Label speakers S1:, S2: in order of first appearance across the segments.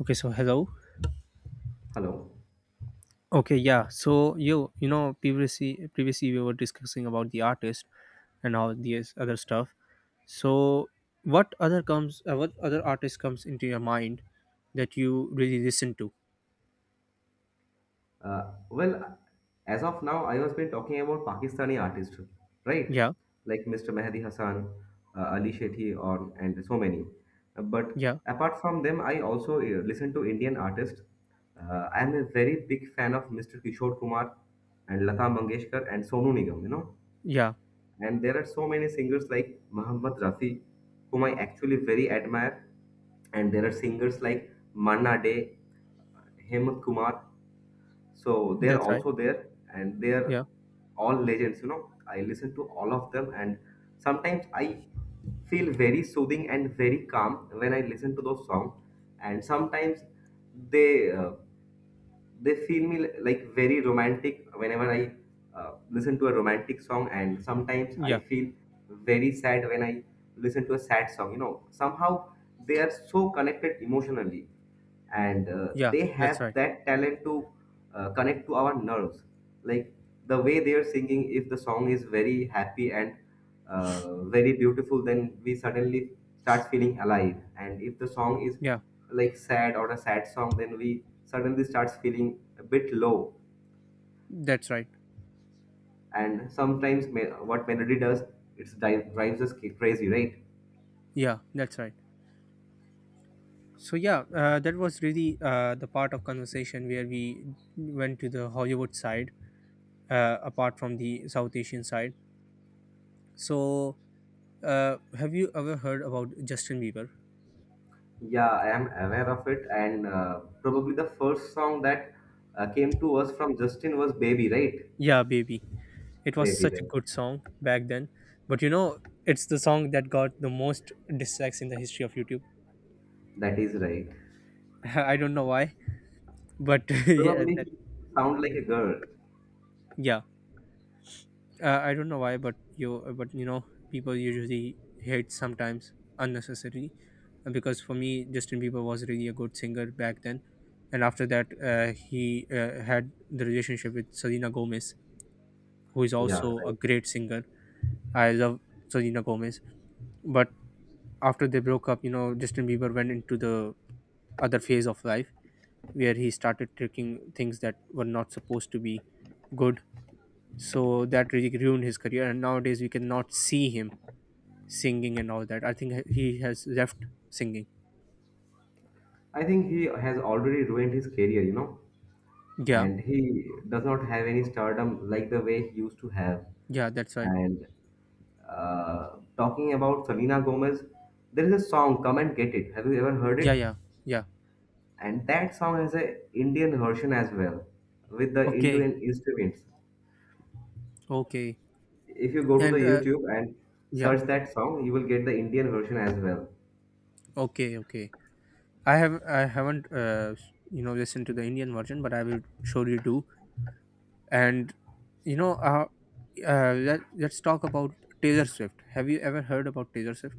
S1: Okay, so hello.
S2: Hello.
S1: Okay, yeah. So you know previously we were discussing about the artist and all these other stuff. So what other comes what other artist comes into your mind that you really listen to?
S2: Uh, well, as of now, I was been talking about Pakistani artists, right?
S1: Yeah,
S2: Like Mr. Mehdi Hassan, Ali Shetty, or and so many. But
S1: yeah,
S2: apart from them, I also listen to Indian artists. I am a very big fan of Mr. Kishore Kumar and Lata Mangeshkar and Sonu Nigam. You know,
S1: yeah.
S2: and there are so many singers like Mohammad Rafi, whom I actually very admire, and there are singers like Manna Day, Hemant Kumar, so they are
S1: That's right.
S2: also there, and they are
S1: Yeah,
S2: all legends, you know. I listen to all of them, and sometimes I feel very soothing and very calm when I listen to those songs, and sometimes they uh, they feel me like very romantic whenever i listen to a romantic song, and sometimes I
S1: yeah,
S2: feel very sad when I listen to a sad song, you know. Somehow they are so connected emotionally, and
S1: yeah.
S2: they
S1: That's
S2: have
S1: right.
S2: that talent to connect to our nerves, like the way they are singing. If the song is very happy and very beautiful, then we suddenly starts feeling alive, and if the song is
S1: Yeah,
S2: like sad or a sad song, then we suddenly starts feeling a bit low,
S1: that's right.
S2: and what melody does it drives us crazy, right?
S1: Yeah, that's right. So yeah, that was really the part of conversation where we went to the Hollywood side, apart from the South Asian side. So, have you ever heard about Justin Bieber?
S2: Yeah, I am aware of it, and probably the first song that came to us from justin was baby, right?
S1: Yeah, baby. It was
S2: Baby,
S1: such a
S2: right.
S1: good song back then. But it's the song that got the most dislikes in the history of YouTube.
S2: That is right.
S1: I don't know why, but yeah,
S2: Probably
S1: that
S2: he sound like
S1: yeah.
S2: a girl.
S1: Yeah. I don't know why, but people usually hate sometimes unnecessarily because for me, Justin Bieber was really a good singer back then. And after that, he had the relationship with Selena Gomez, who is also
S2: Yeah,
S1: a
S2: right.
S1: great singer. I love Selena Gomez. But after they broke up, Justin Bieber went into the other phase of life where he started taking things that were not supposed to be good. So that really ruined his career. And nowadays, we cannot see him singing and all that. I think he has left singing.
S2: I think he has already ruined his career, you know,
S1: Yeah,
S2: and he does not have any stardom like the way he used to have.
S1: yeah, that's right.
S2: And talking about Selena Gomez, there is a song "Come and Get It." Have you ever heard
S1: Yeah,
S2: it?
S1: yeah, yeah.
S2: And that song has a Indian version as well, with the
S1: Okay,
S2: Indian instruments.
S1: okay.
S2: If you go to the
S1: And
S2: YouTube and
S1: yeah,
S2: search that song, you will get the Indian version as well.
S1: okay, okay. I haven't listened to the Indian version, but I will surely do. And you know uh, let, let's talk about Taylor Swift. Have you ever heard about Taylor Swift?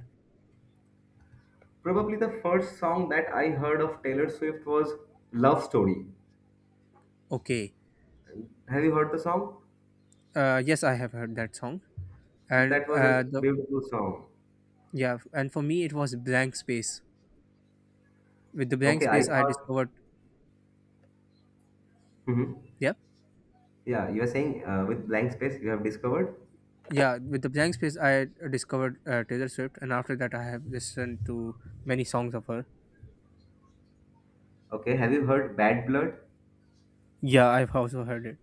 S2: Probably the first song that I heard of Taylor Swift was Love Story.
S1: Okay.
S2: Have you heard the song?
S1: Yes, I have heard that song. and
S2: That was
S1: uh
S2: a
S1: the
S2: beautiful song.
S1: yeah, and for me it was Blank Space. With the Blank
S2: Okay, I
S1: Space I
S2: thought.
S1: discovered,
S2: Mhm.
S1: yeah,
S2: Yeah, you are saying with blank space you have discovered.
S1: yeah, with the Blank Space I discovered Taylor Swift, and after that I have listened to many songs of her.
S2: Okay, have you heard Bad Blood?
S1: Yeah, I've also heard it.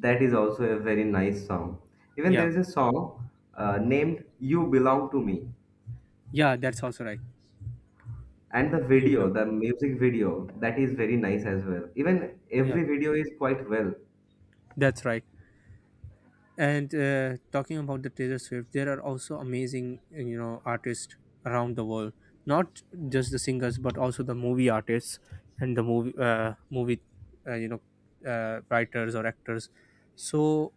S2: That is also a very nice song. Even
S1: Yeah,
S2: there is a song named You Belong to Me.
S1: yeah, that's also right.
S2: And the
S1: You belong,
S2: video, the music video, that is very nice as well. Even
S1: yeah,
S2: every video is quite well.
S1: that's right. And talking about the Taylor Swift, there are also amazing, artists around the world. Not just the singers, but also the movie artists and the movie, uh, you know, writers or actors. So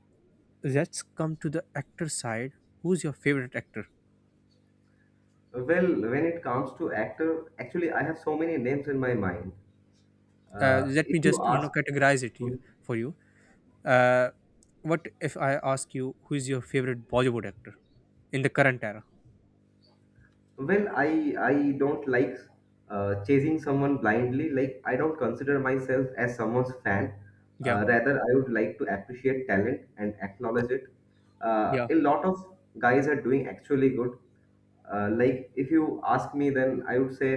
S1: let's come to the actor side. Who's your favorite actor?
S2: Well, when it comes to actor, actually, I have so many names in my mind.
S1: Let
S2: If
S1: me
S2: you
S1: just,
S2: ask,
S1: categorize it for you. Uh, what if I ask you who is your favorite Bollywood actor in the current era?
S2: well, I don't like chasing someone blindly. Like I don't consider myself as someone's fan.
S1: Yeah,
S2: Rather, I would like to appreciate talent and acknowledge it.
S1: yeah,
S2: A lot of guys are doing actually good. Like if you ask me, then I would say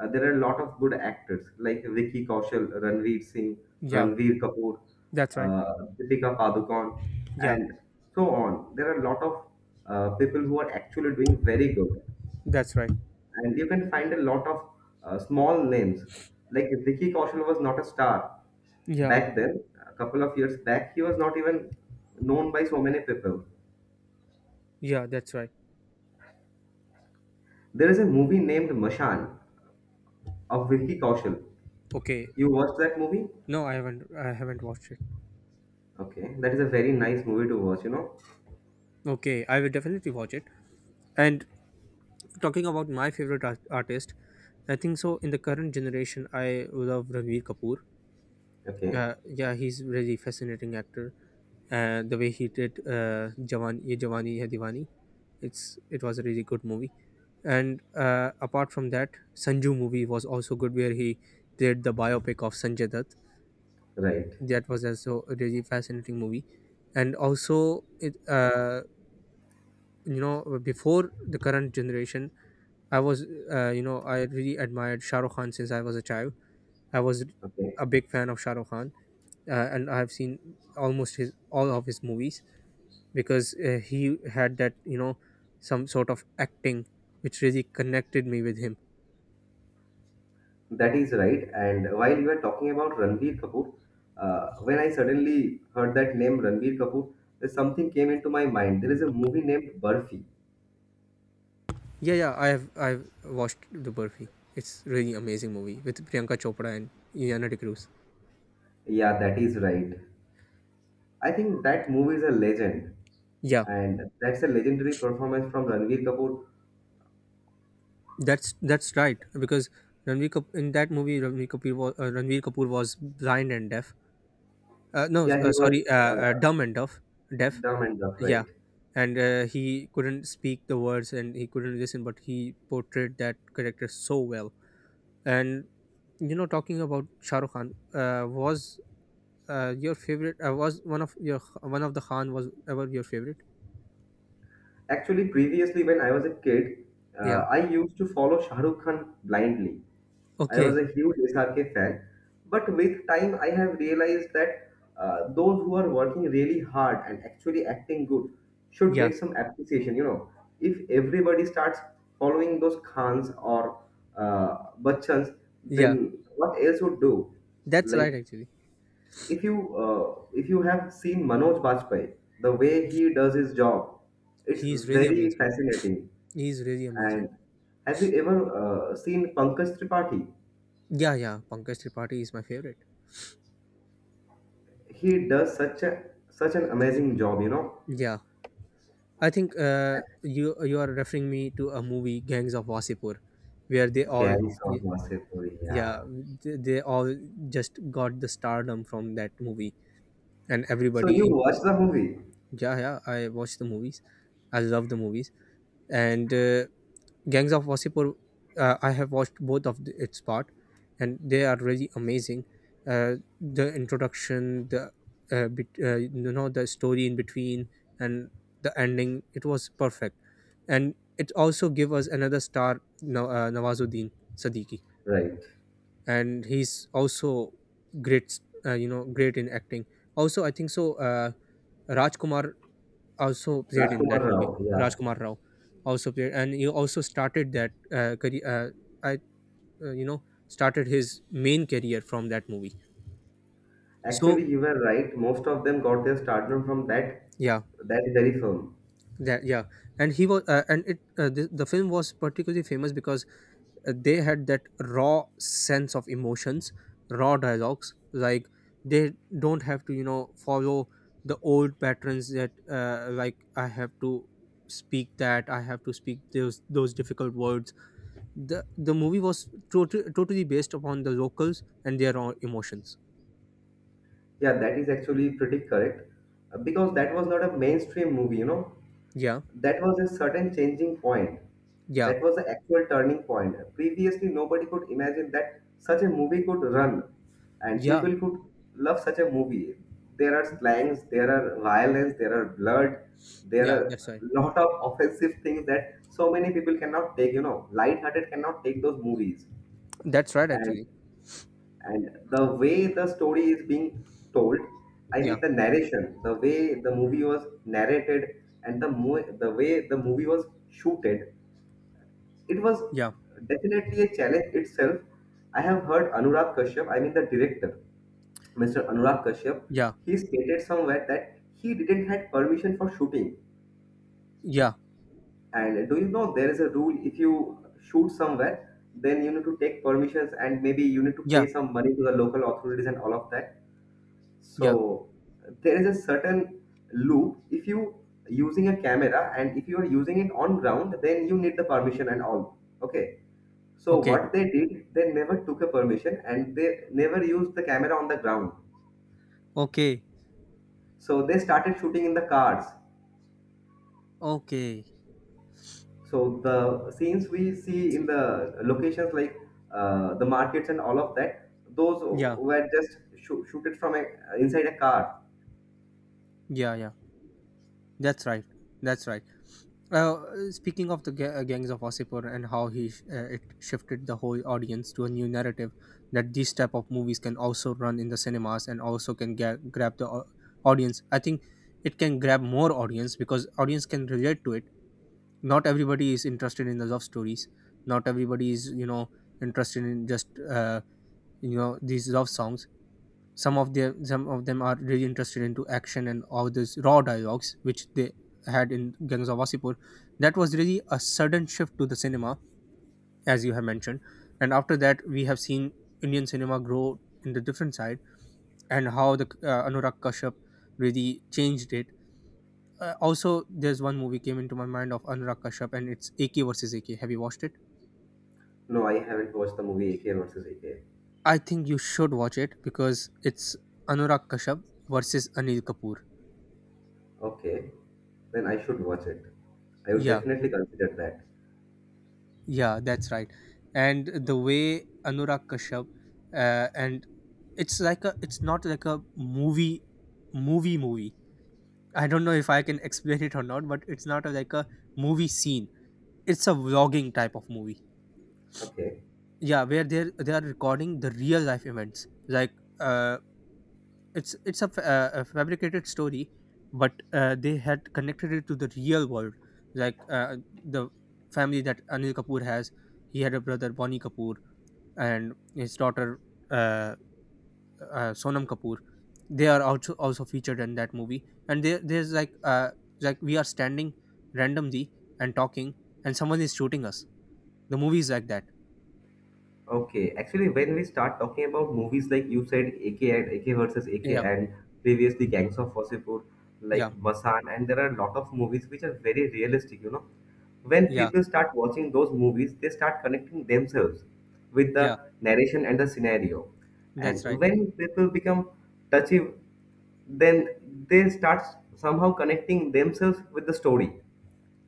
S2: there are a lot of good actors like Vicky Kaushal, Ranveer Singh,
S1: yeah.
S2: Ranveer Kapoor,
S1: That's right.
S2: Deepika Padukone,
S1: Yeah,
S2: and so on. There are a lot of people who are actually doing very good,
S1: that's right.
S2: and you can find a lot of small names. Like Vicky Kaushal was not a star
S1: Yeah,
S2: back then. A couple of years back, he was not even known by so many people.
S1: yeah, that's right.
S2: There is a movie named Mashan of Vicky Kaushal.
S1: Okay,
S2: You watched that movie?
S1: no, I haven't watched it.
S2: Okay, that is a very nice movie to watch, you know.
S1: Okay, I will definitely watch it. And talking about my favorite artist, I think so. In the current generation, I love Ranveer Kapoor.
S2: Okay,
S1: Yeah, he's really fascinating actor. The way he did Jawan, Ye Jawani Hai Diwani, it was a really good movie. And apart from that, Sanju movie was also good, where he played the biopic of Sanjay Dutt.
S2: right.
S1: That was also a really fascinating movie, and also it before the current generation I was I really admired Shah Rukh Khan since I was a child. I was
S2: Okay,
S1: a big fan of Shah Rukh Khan, and I have seen almost his all of his movies, because he had that some sort of acting which really connected me with him.
S2: that is right. And while you were talking about Ranbir Kapoor, when I suddenly heard that name Ranbir Kapoor, something came into my mind. There is a movie named Burfi.
S1: Yeah, yeah, I've watched the Burfi. It's really amazing movie with Priyanka Chopra and Iana de Cruz.
S2: Yeah, that is right. I think that movie is a legend,
S1: Yeah.
S2: and that's a legendary performance from Ranbir Kapoor.
S1: That's right because in that movie Ranveer Kapoor was blind and deaf. No,
S2: Yeah, he was
S1: sorry,
S2: uh,
S1: dumb and deaf. Deaf,
S2: dumb and dumb,
S1: yeah,
S2: right?
S1: and he couldn't speak the words and he couldn't listen, but he portrayed that character so well. And talking about Shah Rukh Khan, was your favorite? Was one of your one of the Khan was ever your favorite?
S2: Actually, previously when I was a kid,
S1: Yeah.
S2: I used to follow Shah Rukh Khan blindly. I was
S1: Okay.
S2: a huge SRK fan, but with time I have realized that those who are working really hard and actually acting good should
S1: Yeah.
S2: get some appreciation. You know, if everybody starts following those Khans or Bachchans,
S1: Yeah.
S2: then what else would do?
S1: That's right.
S2: Like
S1: Actually,
S2: if you have seen Manoj Bajpayee, the way he does his job, it's
S1: he's really
S2: very
S1: amazing.
S2: fascinating.
S1: He's really amazing.
S2: And have you ever seen Pankaj Tripathi?
S1: Yeah, yeah, Pankaj Tripathi is my favorite.
S2: He does such an amazing job, you know.
S1: Yeah, I think you are referring me to a movie Gangs of Wasipur, where they all
S2: Carries
S1: y-
S2: off Vasipuri,
S1: yeah,
S2: yeah.
S1: they all just got the stardom from that movie, and
S2: So
S1: everybody
S2: you
S1: in,
S2: watched the movie,
S1: yeah, yeah, I watched the movies, I love the movies, and Gangs of Wasseypur, I have watched both of its part, and they are really amazing. The introduction, the bet the story in between, and the ending, it was perfect, and it also gave us another star, Nawazuddin Siddiqui,
S2: right?
S1: and he's also great, great in acting. Also, I think so. Rajkumar also played in that
S2: Rajkumar
S1: movie.
S2: Rao, yeah.
S1: Rajkumar Rao also played, and he also started that career. I started his main career from that movie. So
S2: Actually, you were right. Most of them got their stardom from
S1: yeah,
S2: that very film.
S1: that yeah, and he was the film was particularly famous because they had that raw sense of emotions, raw dialogues. Like they don't have to follow the old patterns that like I have to speak those difficult words. The movie was totally based upon the locals and their own emotions.
S2: Yeah, that is actually pretty correct, because that was not a mainstream movie, you know.
S1: Yeah,
S2: That was a certain changing point.
S1: yeah,
S2: That was the actual turning point. Previously, nobody could imagine that such a movie could run and
S1: yeah,
S2: people could love such a movie. There are slangs, there are violence, there are blood, there
S1: yeah, that's
S2: are
S1: right,
S2: lot of offensive things that so many people cannot take, you know, light-hearted cannot take those movies.
S1: that's right
S2: And
S1: actually.
S2: and the way the story is being told, I
S1: Yeah,
S2: mean the narration, the way the movie was narrated, and the way the movie was shooted, it was
S1: yeah,
S2: definitely a challenge itself. I have heard Anurag Kashyap, I mean the director, Mr. Anurag Kashyap,
S1: yeah,
S2: he stated somewhere that he didn't had permission for shooting.
S1: yeah,
S2: And do you know there is a rule? If you shoot somewhere, then you need to take permissions, and maybe you need to
S1: yeah,
S2: pay some money to the local authorities and all of that.
S1: yeah,
S2: So there is a certain loop. If you using a camera and if you are using it on ground, then you need the permission and all, okay? So
S1: okay,
S2: what they did, they never took a permission, and they never used the camera on the ground.
S1: okay,
S2: So they started shooting in the cars.
S1: okay,
S2: So the scenes we see in the locations like the markets and all of that, those
S1: yeah,
S2: were just shooted from a, inside a car.
S1: yeah, yeah, that's right, that's right. Now, speaking of the Gangs of Wasseypur and how it shifted the whole audience to a new narrative that these type of movies can also run in the cinemas and also can grab the audience. I think it can grab more audience because audience can relate to it. Not everybody is interested in the love stories. Not everybody is interested in just these love songs. Some of them are really interested into action and all those raw dialogues which they had in Gangs of Wasseypur. That was really a sudden shift to the cinema, as you have mentioned. And after that we have seen Indian cinema grow in the different side, and how the Anurag Kashyap really changed it. Also there's one movie came into my mind of Anurag Kashyap, and it's AK versus AK. Have you watched it?
S2: No, I haven't watched the movie ak versus ak.
S1: I think you should watch it because it's Anurag Kashyap versus Anil Kapoor.
S2: Okay, then I should watch it. I would
S1: Yeah.
S2: definitely consider that.
S1: Yeah, that's right. And the way Anurag Kashyap, and it's like a, it's not like a movie, movie movie. I don't know if I can explain it or not, but it's not a, like a movie scene. It's a vlogging type of movie.
S2: Okay.
S1: Yeah, where they are recording the real life events. Like, uh, it's a, a fabricated story, but they had connected it to the real world. Like the family that Anil Kapoor has, he had a brother Bonnie Kapoor and his daughter uh, Sonam Kapoor. They are also featured in that movie. And there's like we are standing randomly and talking, and someone is shooting us. The movie is like that.
S2: Okay. Actually, when we start talking about movies like you said, AK and AK versus AK,
S1: Yeah,
S2: and previously Gangs of Wasseypur, like
S1: yeah,
S2: Masan, and there are a lot of movies which are very realistic. You know, when
S1: yeah,
S2: people start watching those movies, they start connecting themselves with the
S1: yeah.
S2: narration and the scenario,
S1: That's
S2: and
S1: right.
S2: when people become touchy, then they start somehow connecting themselves with the story,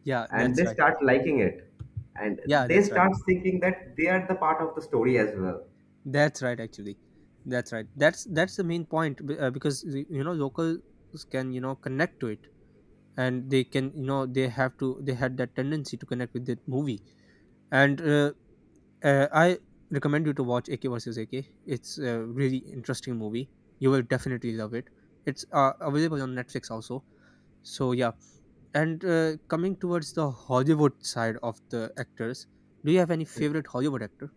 S1: Yeah,
S2: and
S1: that's
S2: they
S1: right.
S2: start liking it, and
S1: Yeah,
S2: they
S1: that's right.
S2: start thinking that they are the part of the story as well.
S1: That's right. Actually, that's right. That's the main point because locals can connect to it, and they can they had that tendency to connect with that movie. And I recommend you to watch AK versus AK. It's a really interesting movie. You will definitely love it. It's available on Netflix also. So yeah, and coming towards the Hollywood side of the actors, do you have any favorite Hollywood actor?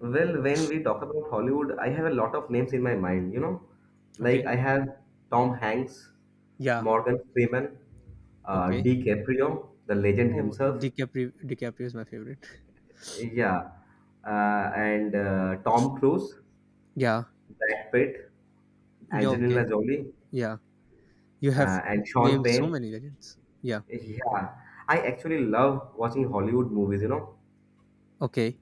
S2: Well, when we talk about hollywood, I have a lot of names in my mind, you know. Like
S1: Okay.
S2: I have tom hanks,
S1: Yeah.
S2: morgan freeman,
S1: Okay.
S2: dicaprio the legend
S1: Oh,
S2: himself,
S1: DiCaprio. DiCaprio is my favorite.
S2: yeah, and tom cruise,
S1: Yeah.
S2: brad pitt,
S1: Yeah.
S2: angelina
S1: Okay.
S2: jolie,
S1: Yeah. You have
S2: and sean
S1: named so
S2: penn.
S1: many legends. Yeah.
S2: Yeah, I actually love watching hollywood movies, you know.
S1: Okay.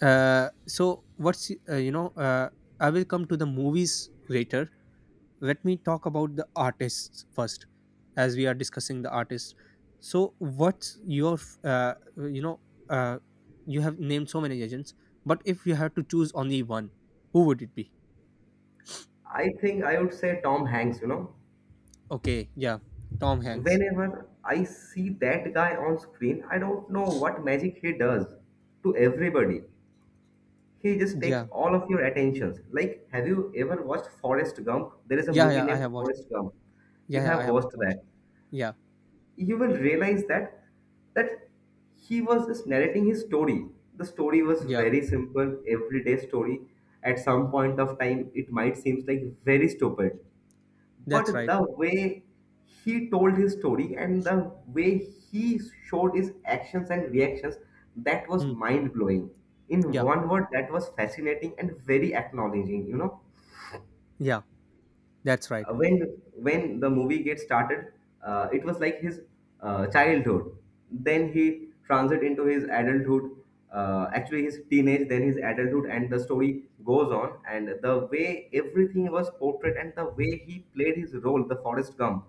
S1: So what's I will come to the movies later. Let me talk about the artists first, as we are discussing the artists. So what's your uh, you have named so many agents, but if you had to choose only one, who would it be?
S2: I think I would say Tom Hanks, you know.
S1: Okay, yeah, Tom Hanks.
S2: Whenever I see that guy on screen, I don't know what magic he does to everybody. He just takes
S1: Yeah,
S2: all of your attentions. Like, have you ever watched Forrest Gump? There is a
S1: yeah,
S2: movie
S1: yeah, I
S2: named
S1: have watched it.
S2: Forrest Gump. You
S1: Yeah, yeah, I
S2: have
S1: have
S2: watched
S1: watched.
S2: that.
S1: Yeah,
S2: You will realize that he was just narrating his story. The story was
S1: yeah,
S2: very simple, everyday story. At some point of time, it might seem like very stupid, but
S1: that's right.
S2: the way he told his story and the way he showed his actions and reactions, that was
S1: Hmm.
S2: mind blowing. In
S1: Yeah,
S2: one word, that was fascinating and very acknowledging, you know.
S1: yeah, that's right.
S2: Uh, when when the movie gets started, it was like his childhood, then he transit into his adulthood, actually his teenage, then his adulthood, and the story goes on, and the way everything was portrayed and the way he played his role, the forest gump,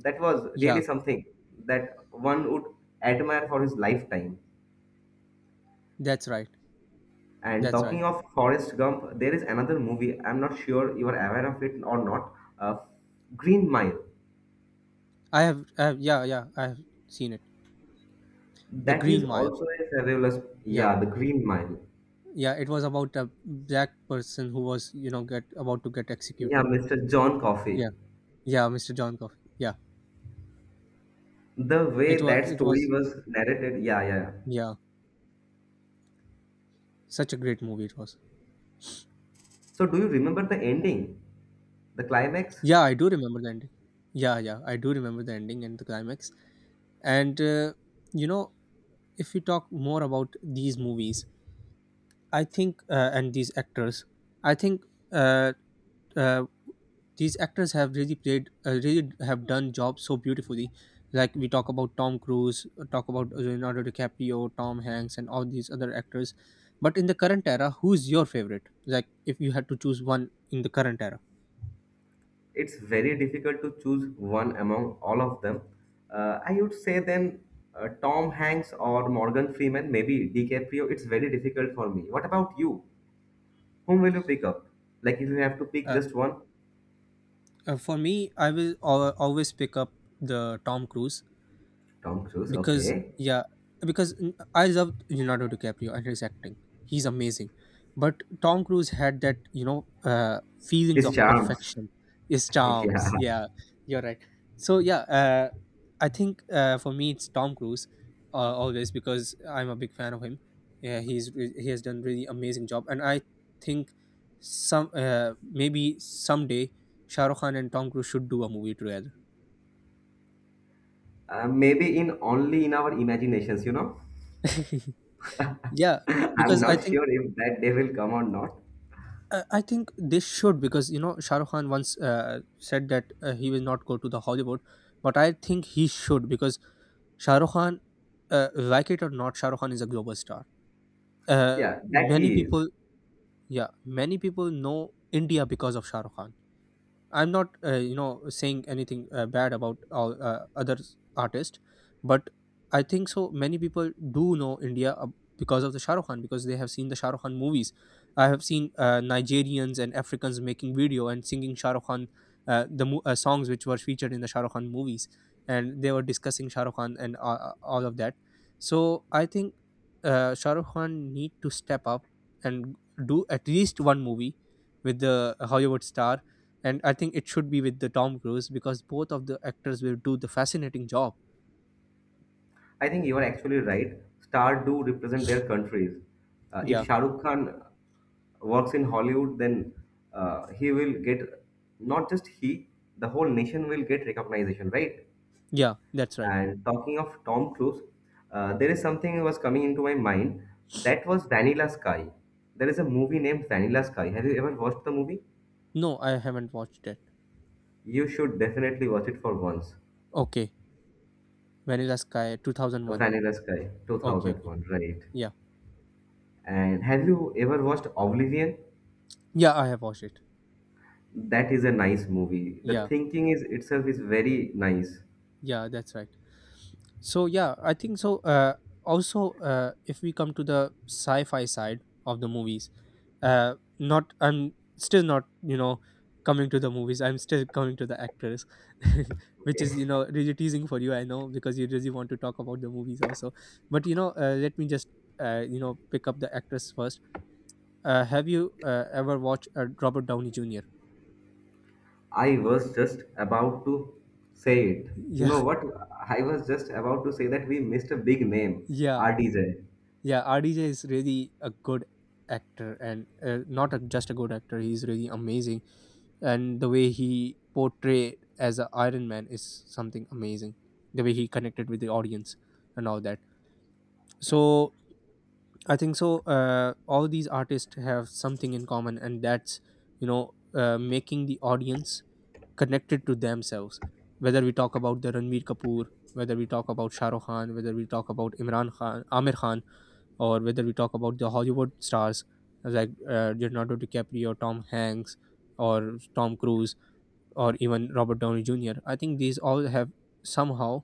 S2: that was really
S1: Yeah,
S2: something that one would admire for his lifetime.
S1: that's right.
S2: And
S1: That's right.
S2: talking of Forrest Gump, there is another movie. I'm not sure you are aware of it or not. Green Mile.
S1: I have, yeah, yeah, I have seen it. The
S2: That is
S1: Green Mile.
S2: also a fabulous.
S1: Yeah.
S2: Yeah, the Green Mile.
S1: Yeah, it was about a black person who was, get about to get
S2: Yeah,
S1: executed.
S2: Mr. John Coffey.
S1: Yeah, yeah, Mr. John Coffey. Yeah,
S2: The
S1: it
S2: way
S1: was,
S2: that
S1: it
S2: story
S1: was,
S2: was narrated. Yeah, yeah. Yeah.
S1: yeah, such a great movie it was.
S2: So, do you remember the ending, the climax?
S1: Yeah, I do remember the ending. Yeah, yeah, I do remember the ending and the climax. And you know, if you talk more about these movies, I think, and these actors, I think, uh, uh, these actors have really played really have done jobs so beautifully. Like we talk about Tom Cruise, talk about Leonardo DiCaprio, Tom Hanks and all these other actors. But in the current era, who's your favorite? Like if you had to choose one in the current era.
S2: It's very difficult to choose one among all of them. I would say then Tom Hanks or Morgan Freeman, maybe DiCaprio. It's very difficult for me. What about you? Whom will you pick up? Like if you have to pick
S1: uh,
S2: just one,
S1: for me, I will always pick up the Tom Cruise,
S2: Tom Cruise.
S1: because
S2: Okay,
S1: yeah, because I love Leonardo DiCaprio and his acting. He's amazing. But Tom Cruise had that, you know, feelings
S2: his
S1: of
S2: charms.
S1: perfection. His charms,
S2: Yeah,
S1: yeah, you're right. So yeah, I think, for me it's Tom Cruise, always, because I'm a big fan of him. Yeah, he has done really amazing job, and I think some, maybe someday Shah Rukh Khan and Tom Cruise should do a movie together.
S2: maybe in only in our imaginations. You know,
S1: Yeah,
S2: I'm
S1: because I
S2: not
S1: think,
S2: sure if that day will come or not.
S1: I think this should, because you know Shah Rukh Khan once said that he will not go to the Hollywood, but I think he should, because Shah Rukh Khan, like it or not, Shah Rukh Khan is a global star.
S2: Yeah, that
S1: Many
S2: he is.
S1: people, yeah, many people know India because of Shah Rukh Khan. I'm not, you know, saying anything bad about all other artists, but I think so. Many people do know India because of the Shah Rukh Khan, because they have seen the Shah Rukh Khan movies. I have seen Nigerians and Africans making video and singing Shah Rukh Khan, songs which were featured in the Shah Rukh Khan movies, and they were discussing Shah Rukh Khan and all of that. So I think Shah Rukh Khan need to step up and do at least one movie with the Hollywood star, and I think it should be with the Tom Cruise, because both of the actors will do the fascinating job.
S2: I think you are actually right. Stars do represent their countries. If
S1: Yeah,
S2: Shah Rukh Khan works in Hollywood, then he will get, not just he, the whole nation will get recognition, right?
S1: yeah, that's right.
S2: And talking of Tom Cruise, there is something that was coming into my mind. That was Vanilla Sky. There is a movie named Vanilla Sky. Have you ever watched the movie?
S1: No, I haven't watched it.
S2: You should definitely watch it for once.
S1: Okay, Vanilla Sky 2001.
S2: Vanilla Sky,
S1: Okay, okay,
S2: 2001, right?
S1: yeah,
S2: And have you ever watched Oblivion?
S1: yeah, I have watched it.
S2: That is a nice movie. The
S1: Yeah,
S2: thinking is itself is very nice.
S1: yeah, that's right. So yeah, I think so. Also, if we come to the sci-fi side of the movies, not I'm still not, you know, coming to the movies. I'm still coming to the actors, which is, you know, really teasing for you. I know, because you really want to talk about the movies also. But you know, let me just you know pick up the actors first. Have you ever watched Robert Downey Jr.?
S2: I was just about to say it. You
S1: Yeah,
S2: know what? I was just about to say that we missed a big name,
S1: yeah.
S2: RDJ.
S1: Yeah, RDJ is really a good actor, and not a, just a good actor, he's really amazing. And the way he portrayed as an Iron Man is something amazing. The way he connected with the audience and all that. So I think so. All these artists have something in common, and that's, you know, making the audience connected to themselves. Whether we talk about the Ranveer Kapoor, whether we talk about Shah Rukh Khan, whether we talk about Imran Khan, Amir Khan, or whether we talk about the Hollywood stars, like Leonardo DiCaprio, Tom Hanks, or Tom Cruise, or even Robert Downey Jr. I think these all have somehow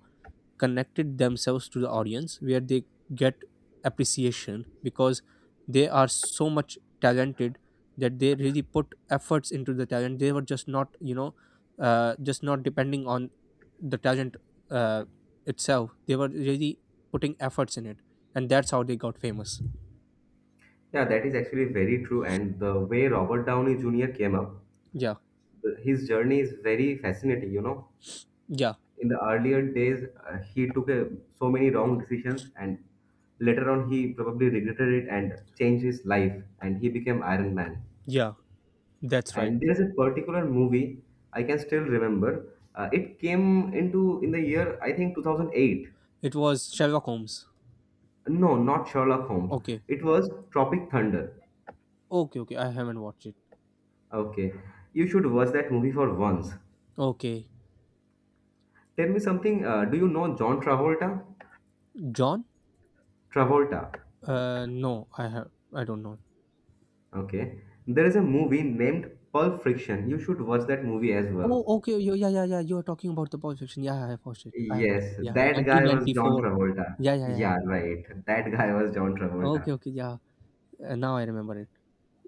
S1: connected themselves to the audience, where they get appreciation, because they are so much talented that they really put efforts into the talent. They were just not, you know, just not depending on the talent, uh, itself. They were really putting efforts in it, and that's how they got famous.
S2: Yeah, that is actually very true. And the way Robert Downey Jr. came up,
S1: Yeah,
S2: his journey is very fascinating. You know,
S1: yeah,
S2: in the earlier days, he took a, so many wrong decisions, and later on, he probably regretted it and changed his life, and he became Iron Man.
S1: yeah, that's right.
S2: And there's a particular movie I can still remember. It came into in the year I think 2008.
S1: It was Sherlock Holmes.
S2: No, not Sherlock Holmes.
S1: Okay,
S2: It was Tropic Thunder.
S1: okay, okay. I haven't watched it.
S2: Okay, you should watch that movie for once.
S1: Okay,
S2: Tell me something. Do you know John Travolta?
S1: John?
S2: Travolta.
S1: No, I have. I don't know.
S2: Okay. There is a movie named Pulp Friction. You should watch that movie as
S1: Oh,
S2: well.
S1: okay. You Yeah, yeah, yeah. You are talking about the Pulp Fiction. Yeah, I have watched it. I have watched it.
S2: Yes,
S1: Yeah,
S2: that guy was John
S1: 1994.
S2: Travolta.
S1: Yeah, yeah,
S2: Yeah,
S1: yeah.
S2: right. That guy was John
S1: Okay,
S2: Travolta.
S1: okay, yeah. Now I remember it.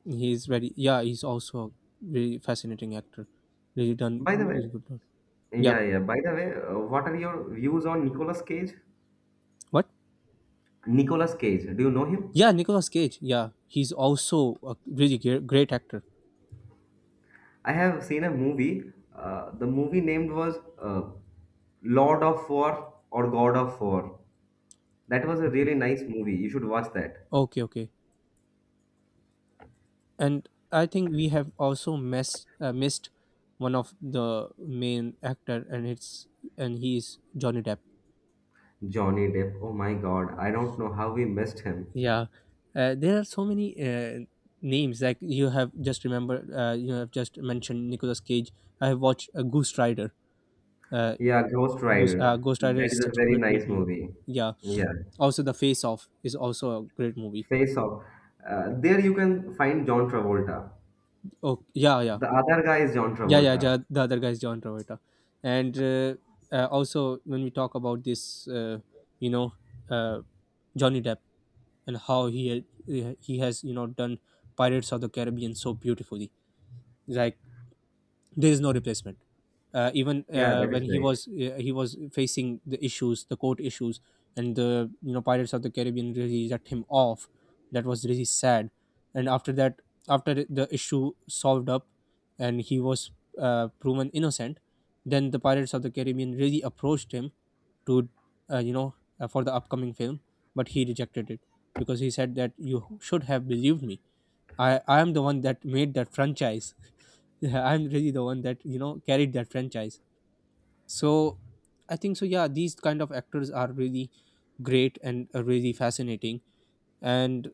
S1: He's very. Yeah, he's also a very fascinating actor. Really done.
S2: By the way,
S1: Really good. Done. Yeah.
S2: yeah, yeah, by the way, what are your views on Nicolas Cage?
S1: What?
S2: Nicolas Cage, do you know him?
S1: Yeah, Nicolas Cage. Yeah, he's also a really great actor.
S2: I have seen a movie. The movie named was Lord of War or God of War. That was a
S1: Okay.
S2: really nice movie. You should watch that.
S1: Okay, okay. And I think we have also missed missed one of the main actor, and it's and he is Johnny Depp.
S2: Johnny Depp. Oh my God, I don't know how we missed him.
S1: Yeah, there are so many names. Like you have just remember, you have just mentioned Nicolas Cage. I have watched Ghost Rider. uh,
S2: Yeah, Ghost Rider.
S1: Ghost Rider
S2: That
S1: is
S2: is a
S1: such a
S2: very
S1: great,
S2: nice
S1: great movie.
S2: movie.
S1: Yeah,
S2: Yeah,
S1: also the Face Off is also a great movie.
S2: Face Off. There you can find John Travolta.
S1: Oh, yeah, yeah.
S2: The other guy is John
S1: Yeah, yeah,
S2: Travolta.
S1: the other guy is John Travolta, and also when we talk about this, you know, uh, Johnny Depp and how he, has, you know, done Pirates of the Caribbean so beautifully. Like, there is no replacement, uh, even
S2: Yeah,
S1: uh,
S2: that
S1: when
S2: is right.
S1: he was facing the issues, the court issues, and the, you know, Pirates of the Caribbean really let him off. That was really sad. And after that, after the issue solved up, and he was proven innocent, then the Pirates of the Caribbean really approached him to, you know, for the upcoming film, but he rejected it, because he said that you should have believed me. I'm the one that made that franchise. Yeah, I'm really the one that, you know, carried that franchise. So I think so. Yeah, these kind of actors are really great and really fascinating. And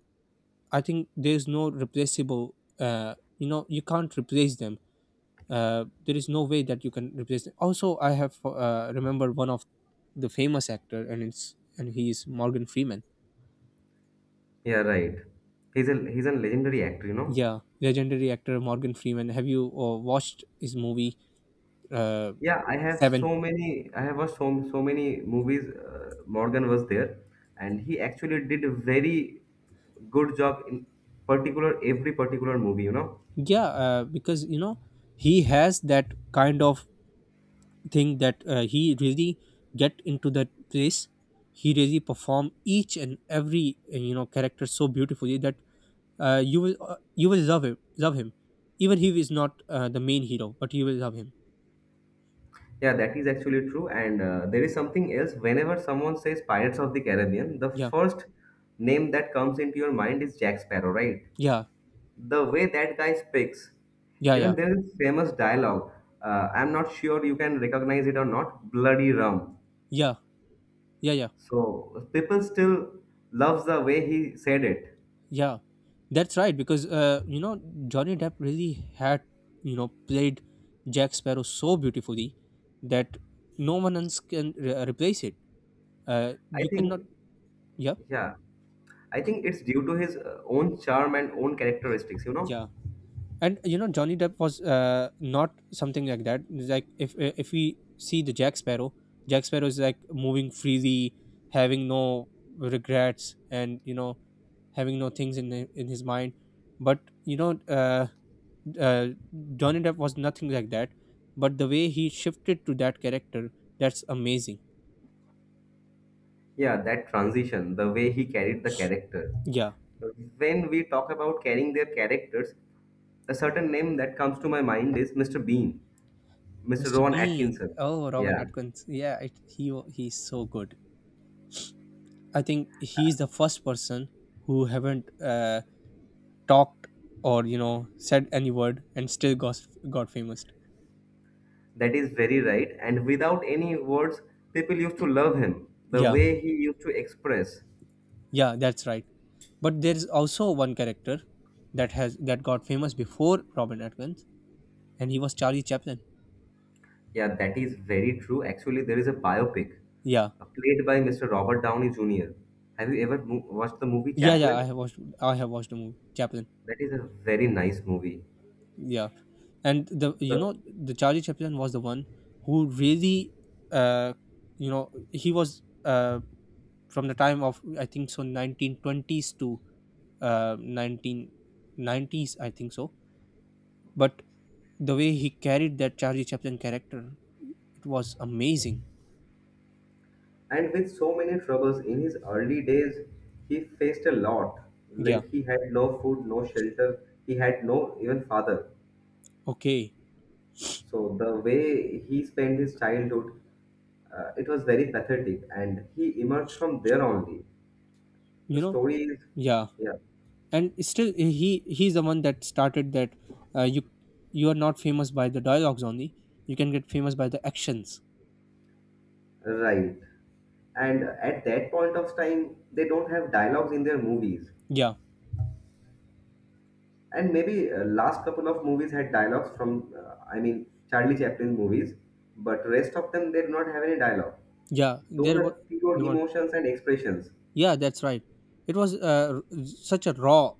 S1: I think there's no replaceable. You know, you can't replace them. There is no way that you can replace them. Also, I have remembered one of the famous actor, and it's and he is Morgan Freeman.
S2: Yeah, right. He's a legendary actor, you know.
S1: Yeah, legendary actor Morgan Freeman. Have you watched his movie? Uh,
S2: Yeah, I have
S1: Seven.
S2: so many. I have watched so many movies. Morgan was there, and he actually did a very good job in particular every particular movie. You know.
S1: Yeah, because you know he has that kind of thing, that he really get into that place. He really perform each and every you know character so beautifully that you will love him, love him. Even he is not the main hero, but you will love him.
S2: Yeah, that is actually true. And there is something else. Whenever someone says Pirates of the Caribbean, the
S1: Yeah,
S2: first name that comes into your mind is Jack Sparrow, right?
S1: yeah,
S2: The way that guy speaks,
S1: yeah,
S2: even
S1: yeah,
S2: there is famous dialogue, I'm not sure you can recognize it or not. Bloody rum.
S1: yeah, yeah, yeah.
S2: So people still loves the way he said it.
S1: Yeah, that's right. Because you know Johnny Depp really had, you know, played Jack Sparrow so beautifully that no one else can replace it.
S2: i
S1: You cannot.
S2: think
S1: Yeah,
S2: yeah i think it's due to his own charm and own characteristics, you know.
S1: yeah. And you know Johnny Depp was not something like that. It's like, if we see the Jack Sparrow, Jack Sparrow is like moving freely, having no regrets, and, you know, having no things in his mind. But you know, uh, Johnny Depp was nothing like that, but the way he shifted to that character, that's amazing.
S2: Yeah, that transition, the way he carried the character.
S1: Yeah,
S2: When we talk about carrying their characters, a certain name that comes to my mind is Mr. Bean, Mr.
S1: Mr.
S2: Rowan
S1: Bean.
S2: Atkinson.
S1: Oh, Robin
S2: Yeah,
S1: Atkins. Yeah, he's so good. I think he's the first person who haven't talked or, you know, said any word and still got famous.
S2: that is very right. And without any words, people used to love him, the
S1: Yeah,
S2: way he used to express.
S1: yeah, that's right. But there is also one character that has that got famous before Robin Atkins, and he was Charlie Chaplin.
S2: Yeah, that is very true. Actually, there is a biopic
S1: Yeah,
S2: played by Mr. Robert Downey Jr. Have you ever watched the movie
S1: yeah, yeah, I
S2: Chaplin?
S1: have watched. I have watched the movie Chaplin.
S2: That is a very nice movie.
S1: Yeah, and the, you
S2: The,
S1: know, the Charlie Chaplin was the one who really, uh, you know, he was from the time of I think so 1920s to 1990s, I think so. But the way he carried that Charlie Chaplin character, it was amazing.
S2: and with so many troubles in his early days, he faced a lot.
S1: Yeah.
S2: Like he had no food, no shelter, he had no even father.
S1: Okay.
S2: So the way he spent his childhood, it was very pathetic, and he emerged from there only. The
S1: You know.
S2: story is,
S1: Yeah.
S2: yeah,
S1: And still he's the one that started that, you, you are not famous by the dialogues only. You can get famous by the actions.
S2: right. And at that point of time, they don't have dialogues in their movies.
S1: Yeah,
S2: And maybe last couple of movies had dialogues from, I mean, Charlie Chaplin's movies, but rest of them they do not have any dialogue.
S1: yeah,
S2: Those are pure
S1: there were,
S2: emotions and expressions.
S1: yeah, that's right. It was such a raw,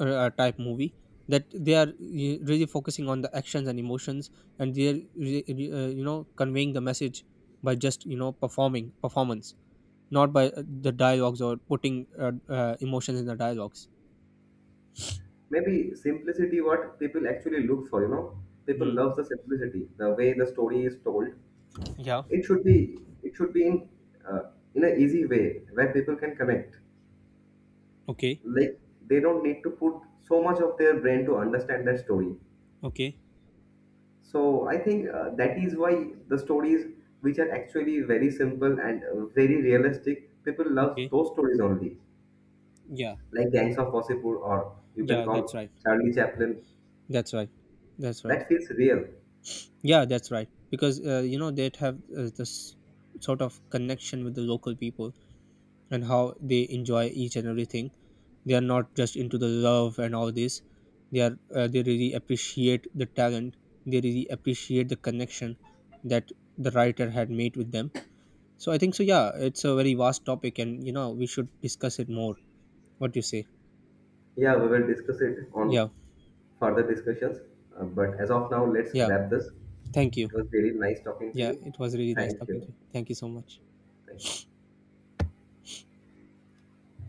S1: type movie, that they are really focusing on the actions and emotions, and they're you know conveying the message by just, you know, performing performance, not by the dialogues or putting emotions in the dialogues.
S2: Maybe simplicity what people actually look for, you know, people love
S1: Hmm.
S2: the simplicity, the way the story is told.
S1: Yeah.
S2: It should be, it should be in uh, in an easy way where people can connect.
S1: Okay.
S2: Like they don't need to put so much of their brain to understand that story.
S1: Okay.
S2: So I think that is why the stories which are actually very simple and very realistic, people love
S1: Okay.
S2: those stories only.
S1: Yeah.
S2: Like Gangs of Wasseypur, or you can
S1: Yeah.
S2: call
S1: That's right.
S2: Charlie Chaplin.
S1: That's right. That's right.
S2: That feels real.
S1: Yeah. That's right. Because you know they'd have this sort of connection with the local people, and how they enjoy each and everything. They are not just into the love and all this. They are. They really appreciate the talent. They really appreciate the connection that the writer had made with them. So I think so. Yeah. It's a very vast topic, and you know we should discuss it more. What do you say?
S2: Yeah, we will discuss it on
S1: Yeah.
S2: further discussions. But as of now, let's
S1: Yeah.
S2: wrap this.
S1: Thank you.
S2: It was really nice talking to
S1: Yeah,
S2: you.
S1: it was really nice
S2: Thank
S1: talking to
S2: you.
S1: you. Thank you so much.
S2: Thank you.